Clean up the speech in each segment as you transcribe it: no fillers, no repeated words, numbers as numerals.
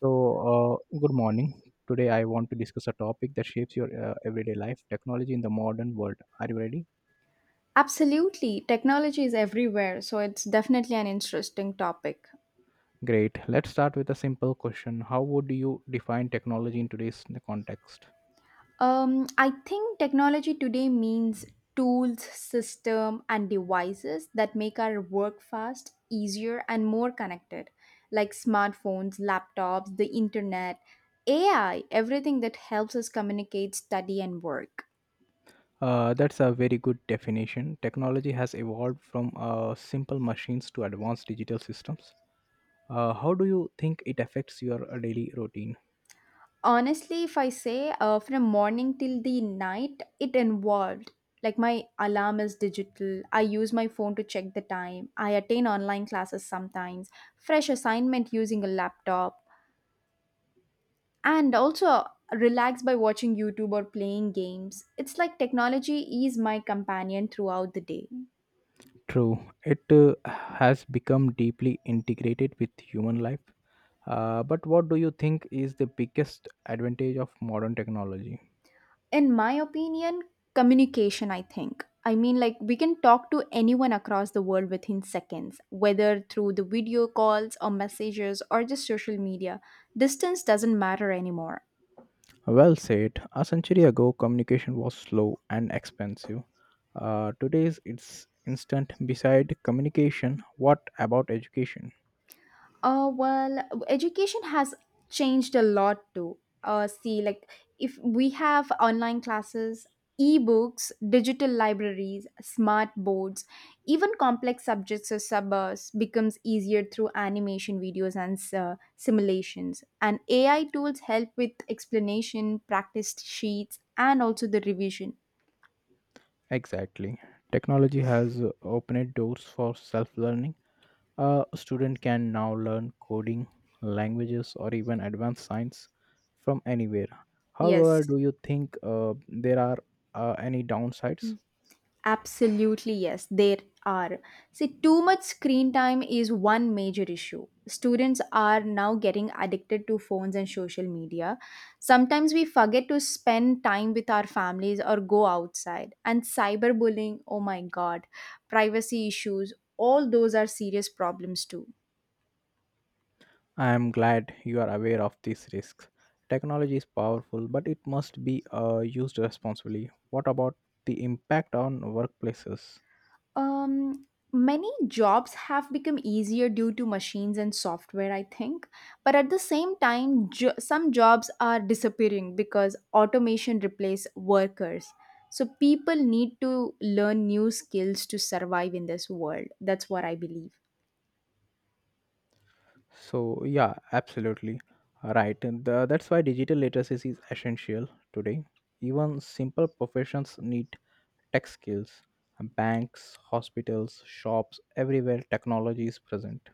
So, good morning. Today, I want to discuss a topic that shapes your everyday life technology in the modern world. Are you ready? Absolutely. Technology is everywhere, so it's definitely an interesting topic. Great. Let's start with a simple question. How would you define technology in today's context? I think technology today means tools, system, and devices that make our work fast, easier, and more connected, like smartphones, laptops, the internet, AI, everything that helps us communicate, study, and work. That's a very good definition. Technology has evolved from simple machines to advanced digital systems. How do you think it affects your daily routine? Honestly, if I say from morning till the night, it involved. Like my alarm is digital. I use my phone to check the time. I attend online classes sometimes. Fresh assignment using a laptop. And also relax by watching YouTube or playing games. It's like technology is my companion throughout the day. True, it has become deeply integrated with human life. But what do you think is the biggest advantage of modern technology? In my opinion, communication, I mean, we can talk to anyone across the world within seconds, whether through the video calls or messages or just social media. Distance doesn't matter anymore. Well said. A century ago, communication was slow and expensive. Today's it's instant. Beside communication, what about education? Well, education has changed a lot too. See, like if we have online classes, ebooks, digital libraries, smart boards, even complex subjects or suburbs becomes easier through animation videos and simulations. And AI tools help with explanation, practice sheets, and also the revision. Exactly. Technology has opened doors for self learning. A student can now learn coding, languages, or even advanced science from anywhere. However, Yes. do you think there are any downsides? Absolutely, yes, there are. See, too much screen time is one major issue. Students are now getting addicted to phones and social media. Sometimes we forget to spend time with our families or go outside. And cyberbullying, oh my god, privacy issues, all those are serious problems too. I am glad you are aware of these risks. Technology is powerful, but it must be used responsibly. What about the impact on workplaces? Um, Many jobs have become easier due to machines and software, I think. But at the same time, some jobs are disappearing because automation replace workers. So people need to learn new skills to survive in this world. That's what I believe. So, yeah, absolutely right. That's why digital literacy is essential today. Even simple professions need tech skills. Banks, hospitals, shops, everywhere technology is present.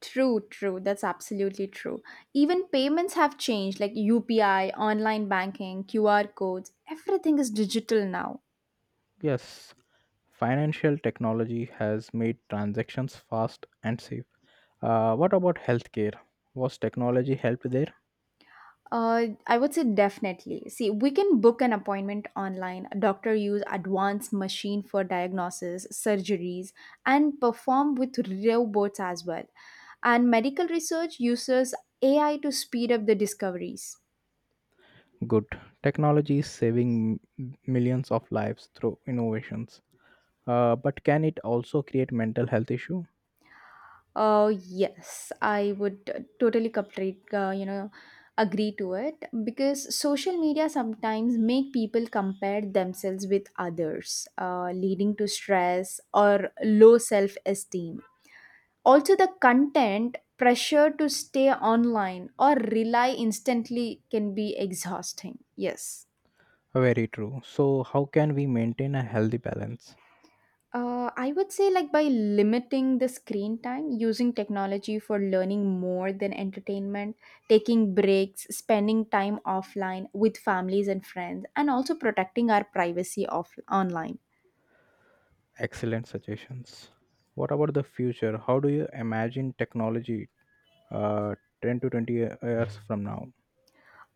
True, true. That's absolutely true. Even payments have changed, like UPI, online banking, QR codes. Everything is digital now. Yes, financial technology has made transactions fast and safe. What about healthcare? Was technology helped there? I would say definitely. See, we can book an appointment online. Doctor use advanced machine for diagnosis, surgeries, and perform with robots as well. And medical research uses AI to speed up the discoveries. Good. Technology is saving millions of lives through innovations. But can it also create mental health issue? Oh yes, I would totally complete, agree to it, because social media sometimes make people compare themselves with others, leading to stress or low self-esteem. Also, the content pressure to stay online or rely instantly can be exhausting. Yes. Very true. So, how can we maintain a healthy balance? I would say, like, by limiting the screen time, using technology for learning more than entertainment, taking breaks, spending time offline with families and friends, and also protecting our privacy online. Excellent suggestions. What about the future? How do you imagine technology uh, 10 to 20 years from now?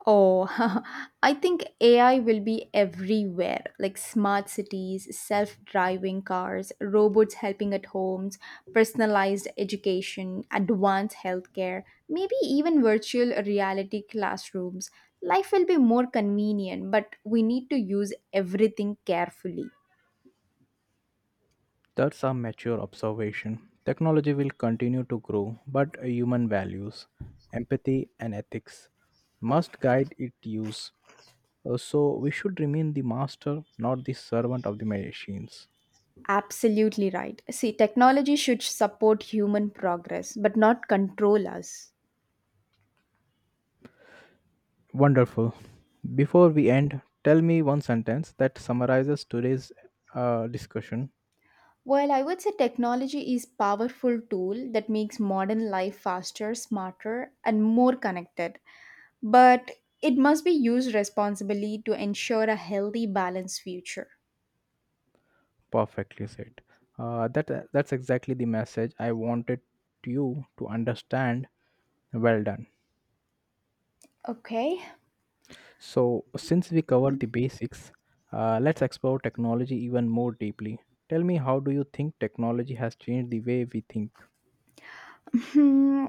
Oh, I think AI will be everywhere, like smart cities, self driving cars, robots helping at homes, personalized education, advanced healthcare, maybe even virtual reality classrooms. Life will be more convenient, but we need to use everything carefully. That's a mature observation. Technology will continue to grow, but human values, empathy, and ethics must guide its use. So, we should remain the master, not the servant of the machines. Absolutely right. See, technology should support human progress, but not control us. Wonderful. Before we end, tell me one sentence that summarizes today's discussion. Well, I would say technology is powerful tool that makes modern life faster, smarter, and more connected. But it must be used responsibly to ensure a healthy, balanced future. Perfectly said. That's exactly the message I wanted you to understand. Well done. Okay. So, since we covered the basics, let's explore technology even more deeply. Tell me, how do you think technology has changed the way we think? Hmm,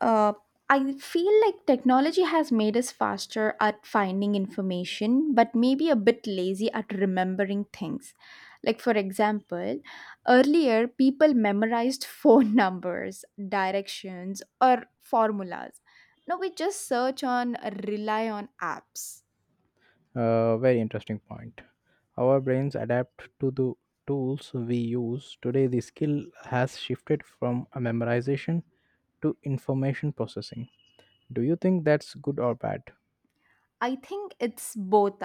uh, I feel like technology has made us faster at finding information, but maybe a bit lazy at remembering things. Like, for example, earlier people memorized phone numbers, directions, or formulas. Now we just search on, rely on apps. Very interesting point. Our brains adapt to the tools we use. Today, the skill has shifted from a memorization to information processing. Do you think that's good or bad? I think it's both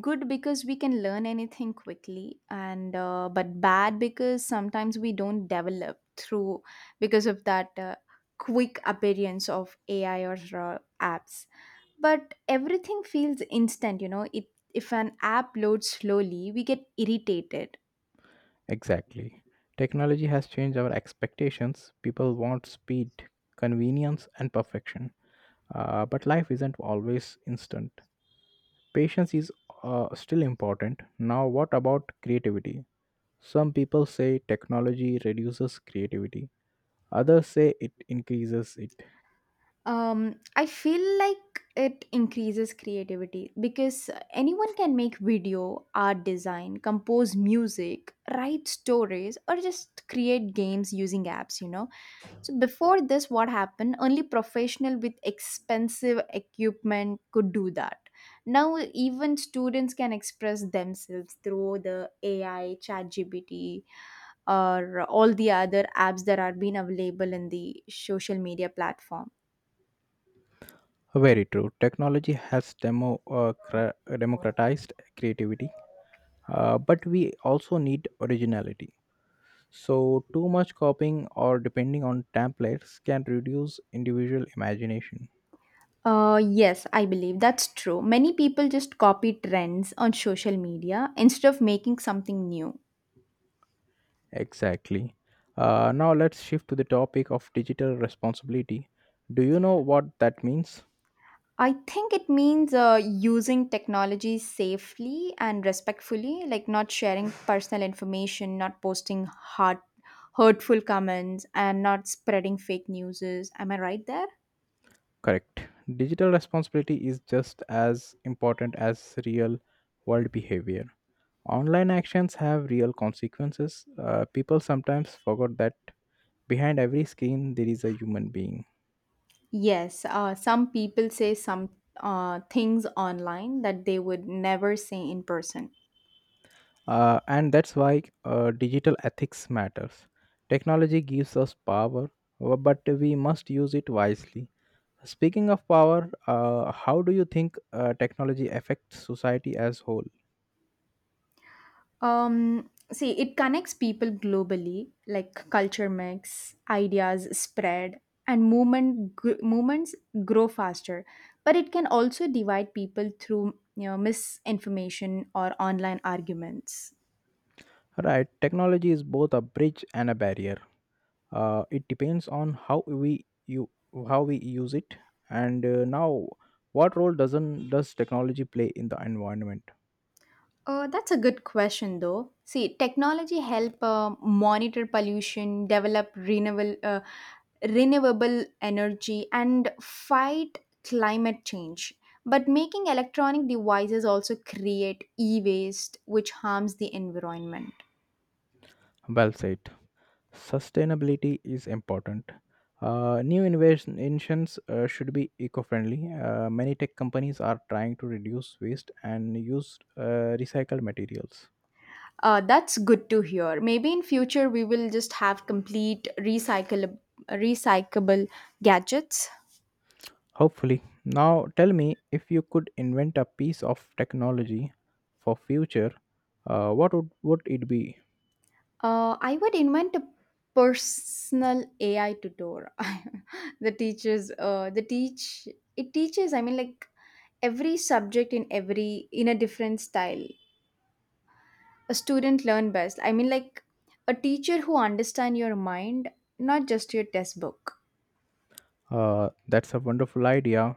good, because we can learn anything quickly, and but bad because sometimes we don't develop through, because of that quick appearance of AI or apps. But everything feels instant, you know. It if an app loads slowly, we get irritated. Exactly. Technology has changed our expectations. People want speed, convenience, and perfection. But life isn't always instant. Patience is still important. Now, what about creativity? Some people say technology reduces creativity. Others say it increases it. I feel like it increases creativity, because anyone can make video, art design, compose music, write stories, or just create games using apps, you know. So, before this, what happened? Only professional with expensive equipment could do that. Now, even students can express themselves through the AI, ChatGPT, or all the other apps that are being available in the social media platform. Very true. Technology has democratized creativity, but we also need originality. So, too much copying or depending on templates can reduce individual imagination. Yes, I believe that's true. Many people just copy trends on social media instead of making something new. Exactly. Now, let's shift to the topic of digital responsibility. Do you know what that means? I think it means using technology safely and respectfully, like not sharing personal information, not posting hurtful comments, and not spreading fake news. Am I right there? Correct. Digital responsibility is just as important as real world behavior. Online actions have real consequences. People sometimes forget that behind every screen there is a human being. Yes, some people say some things online that they would never say in person. And that's why digital ethics matters. Technology gives us power, but we must use it wisely. Speaking of power, how do you think technology affects society as whole? See, it connects people globally, like culture mix, ideas spread, and movements grow faster. But it can also divide people through, you know, misinformation or online arguments. Right, technology is both a bridge and a barrier. It depends on how we use it. And Now, what role doesn't does technology play in the environment? That's a good question, though. See, technology help monitor pollution, develop renewable energy, and fight climate change. But making electronic devices also create e-waste, which harms the environment. Well said. Sustainability is important. New innovations should be eco-friendly. Many tech companies are trying to reduce waste and use recycled materials. That's good to hear. Maybe in future we will just have complete recyclable gadgets. Hopefully. Now tell me, if you could invent a piece of technology for future, what would it be? I would invent a personal AI tutor. the teachers, the teach it teaches. Every subject in every in a different style. A student learn best. A teacher who understand your mind, not just your test book. That's a wonderful idea.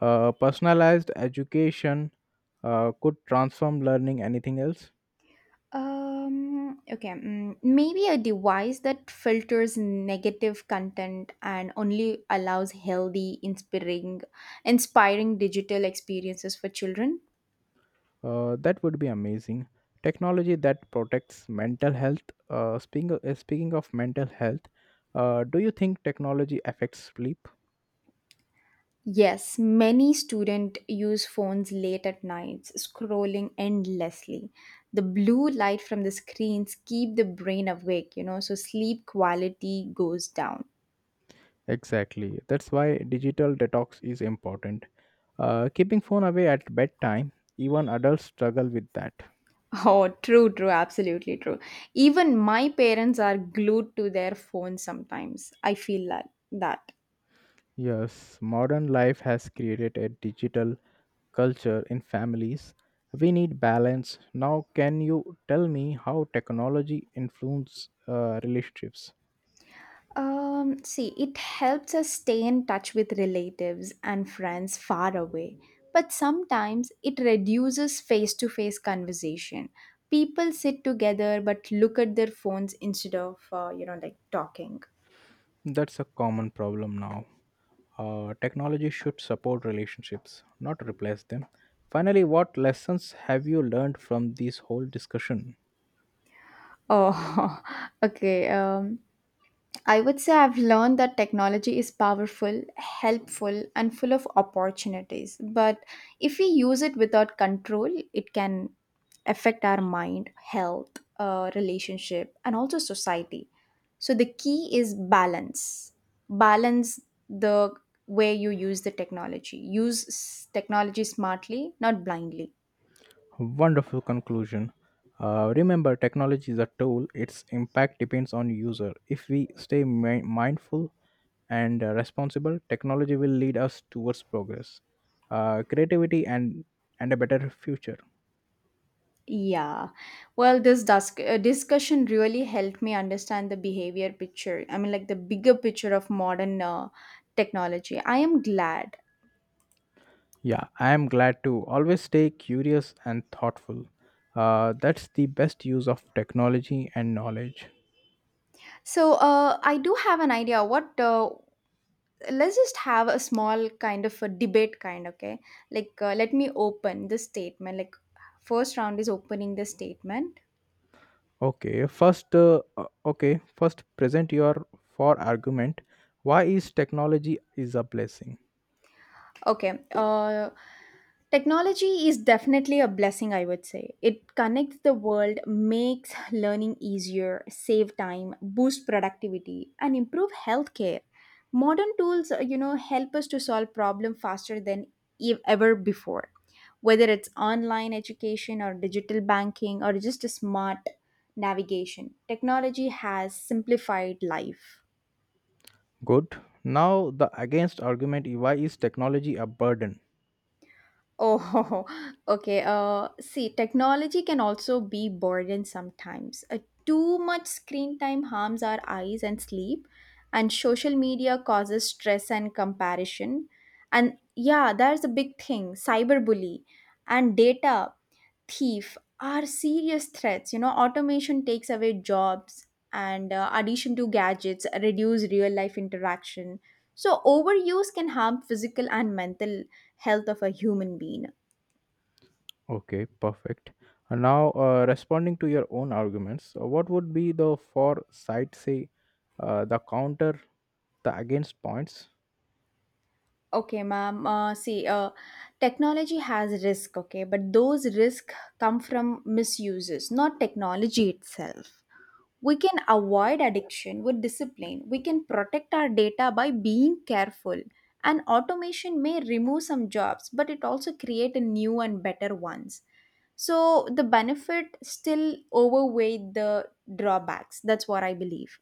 Personalized education could transform learning. Anything else? Um. Okay. Maybe a device that filters negative content and only allows healthy, inspiring digital experiences for children. That would be amazing. Technology that protects mental health. Speaking of mental health, do you think technology affects sleep? Yes, many students use phones late at nights, scrolling endlessly. The blue light from the screens keep the brain awake, you know, so sleep quality goes down. Exactly. That's why digital detox is important. Keeping phone away at bedtime, even adults struggle with that. Oh, true, true, absolutely true. Even my parents are glued to their phones sometimes. I feel like that. Yes, modern life has created a digital culture in families. We need balance. Now, can you tell me how technology influences relationships? See, it helps us stay in touch with relatives and friends far away, but sometimes it reduces face to face conversation. People sit together but look at their phones instead of, like, talking. That's a common problem now. Technology should support relationships, not replace them. Finally, what lessons have you learned from this whole discussion? Oh, okay. I would say I've learned that technology is powerful, helpful, and full of opportunities. But if we use it without control, it can affect our mind, health, relationship, and also society. So the key is balance. Balance the way you use the technology. Use technology smartly, not blindly. Wonderful conclusion. Remember, technology is a tool. Its impact depends on user. If we stay mindful and responsible, technology will lead us towards progress, creativity, and a better future. Yeah. Well, discussion really helped me understand the bigger picture of modern technology. I am glad. Yeah, I am glad. To always stay curious and thoughtful. That's the best use of technology and knowledge. So, I do have an idea. What? Let's just have a small kind of a debate, kind. Okay. Like, let me open the statement. Like, first round is opening the statement. Okay, first, present your for argument. Why is technology is a blessing? Okay. Technology is definitely a blessing, I would say. It connects the world, makes learning easier, save time, boost productivity, and improve healthcare. Modern tools, help us to solve problem faster than ever before. Whether it's online education or digital banking or just a smart navigation, technology has simplified life. Good. Now, the against argument, why is technology a burden? Oh, okay. See, technology can also be burden sometimes. Too much screen time harms our eyes and sleep, and social media causes stress and comparison. And yeah, there's a big thing, cyberbully and data thief are serious threats. You know, automation takes away jobs, and addition to gadgets reduce real life interaction. So overuse can harm physical and mental health of a human being. Okay, perfect. And now, responding to your own arguments, what would be the for side say the counter, the against points? Okay, ma'am. See, technology has risk. Okay, but those risk come from misuses, not technology itself. We can avoid addiction with discipline, we can protect our data by being careful, and automation may remove some jobs, but it also create a new and better ones. So the benefit still overweigh the drawbacks. That's what I believe.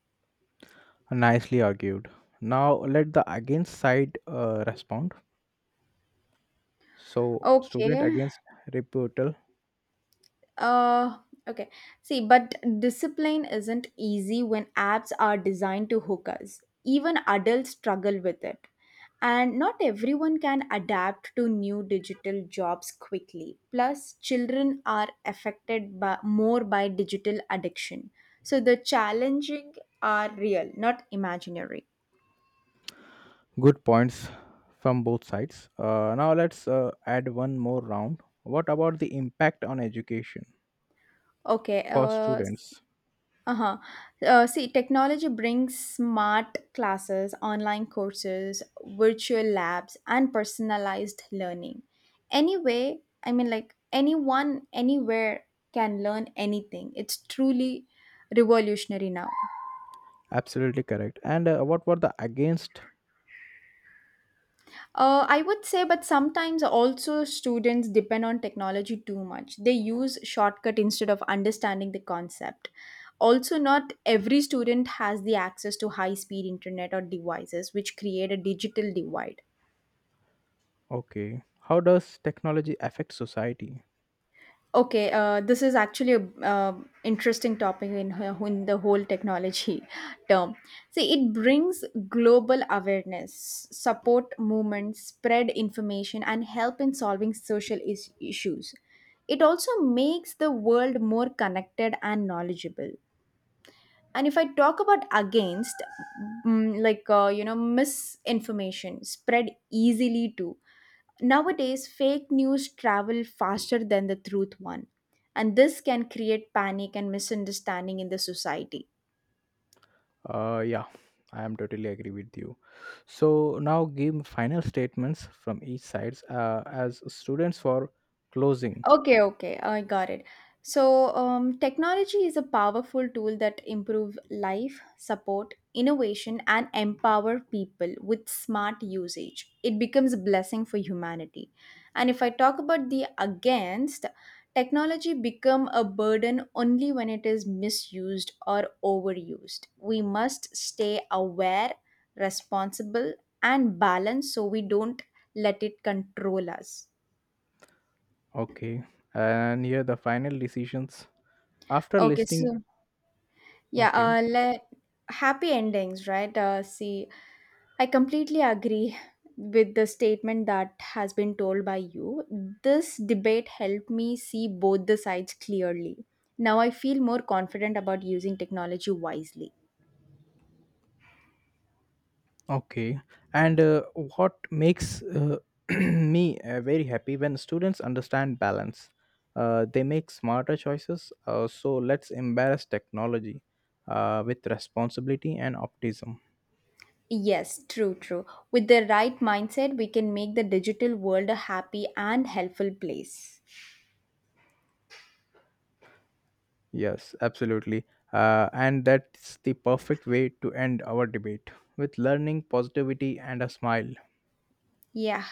Nicely argued. Now, let the against side respond. So, student Okay. against rebuttal. Uh, okay. See, but discipline isn't easy when apps are designed to hook us. Even adults struggle with it. And not everyone can adapt to new digital jobs quickly. Plus, children are affected by, more by, digital addiction. So the challenging are real, not imaginary. Good points from both sides. Now, let's add one more round. What about the impact on education Okay. for students? Uh-huh. See, technology brings smart classes, online courses, virtual labs, and personalized learning. Anyway, anyone, anywhere can learn anything. It's truly revolutionary now. Absolutely correct. And what were the against? I would say, but sometimes also students depend on technology too much. They use shortcut instead of understanding the concept. Also, not every student has the access to high speed internet or devices, which create a digital divide. Okay. How does technology affect society? Okay, this is actually a interesting topic in the whole technology term. See, it brings global awareness, support movements, spread information, and help in solving issues. It also makes the world more connected and knowledgeable. And if I talk about against, misinformation spread easily too. Nowadays, fake news travel faster than the truth one, and this can create panic and misunderstanding in the society. Yeah, I am totally agree with you. So now give final statements from each sides as students for closing. Okay, okay, I got it. So, technology is a powerful tool that improve life, support innovation, and empower people with smart usage. It becomes a blessing for humanity. And if I talk about the against, technology become a burden only when it is misused or overused. We must stay aware, responsible, and balanced, so we don't let it control us. Okay. And here the final decisions after Okay, listing. so yeah, Okay. Happy endings, right? See, I completely agree with the statement that has been told by you. This debate helped me see both the sides clearly. Now I feel more confident about using technology wisely. Okay. And what makes me very happy, when students understand balance, they make smarter choices. So, let's embrace technology with responsibility and optimism. Yes, true, true. With the right mindset, we can make the digital world a happy and helpful place. Yes, absolutely. And that's the perfect way to end our debate, with learning, positivity, and a smile. Yeah.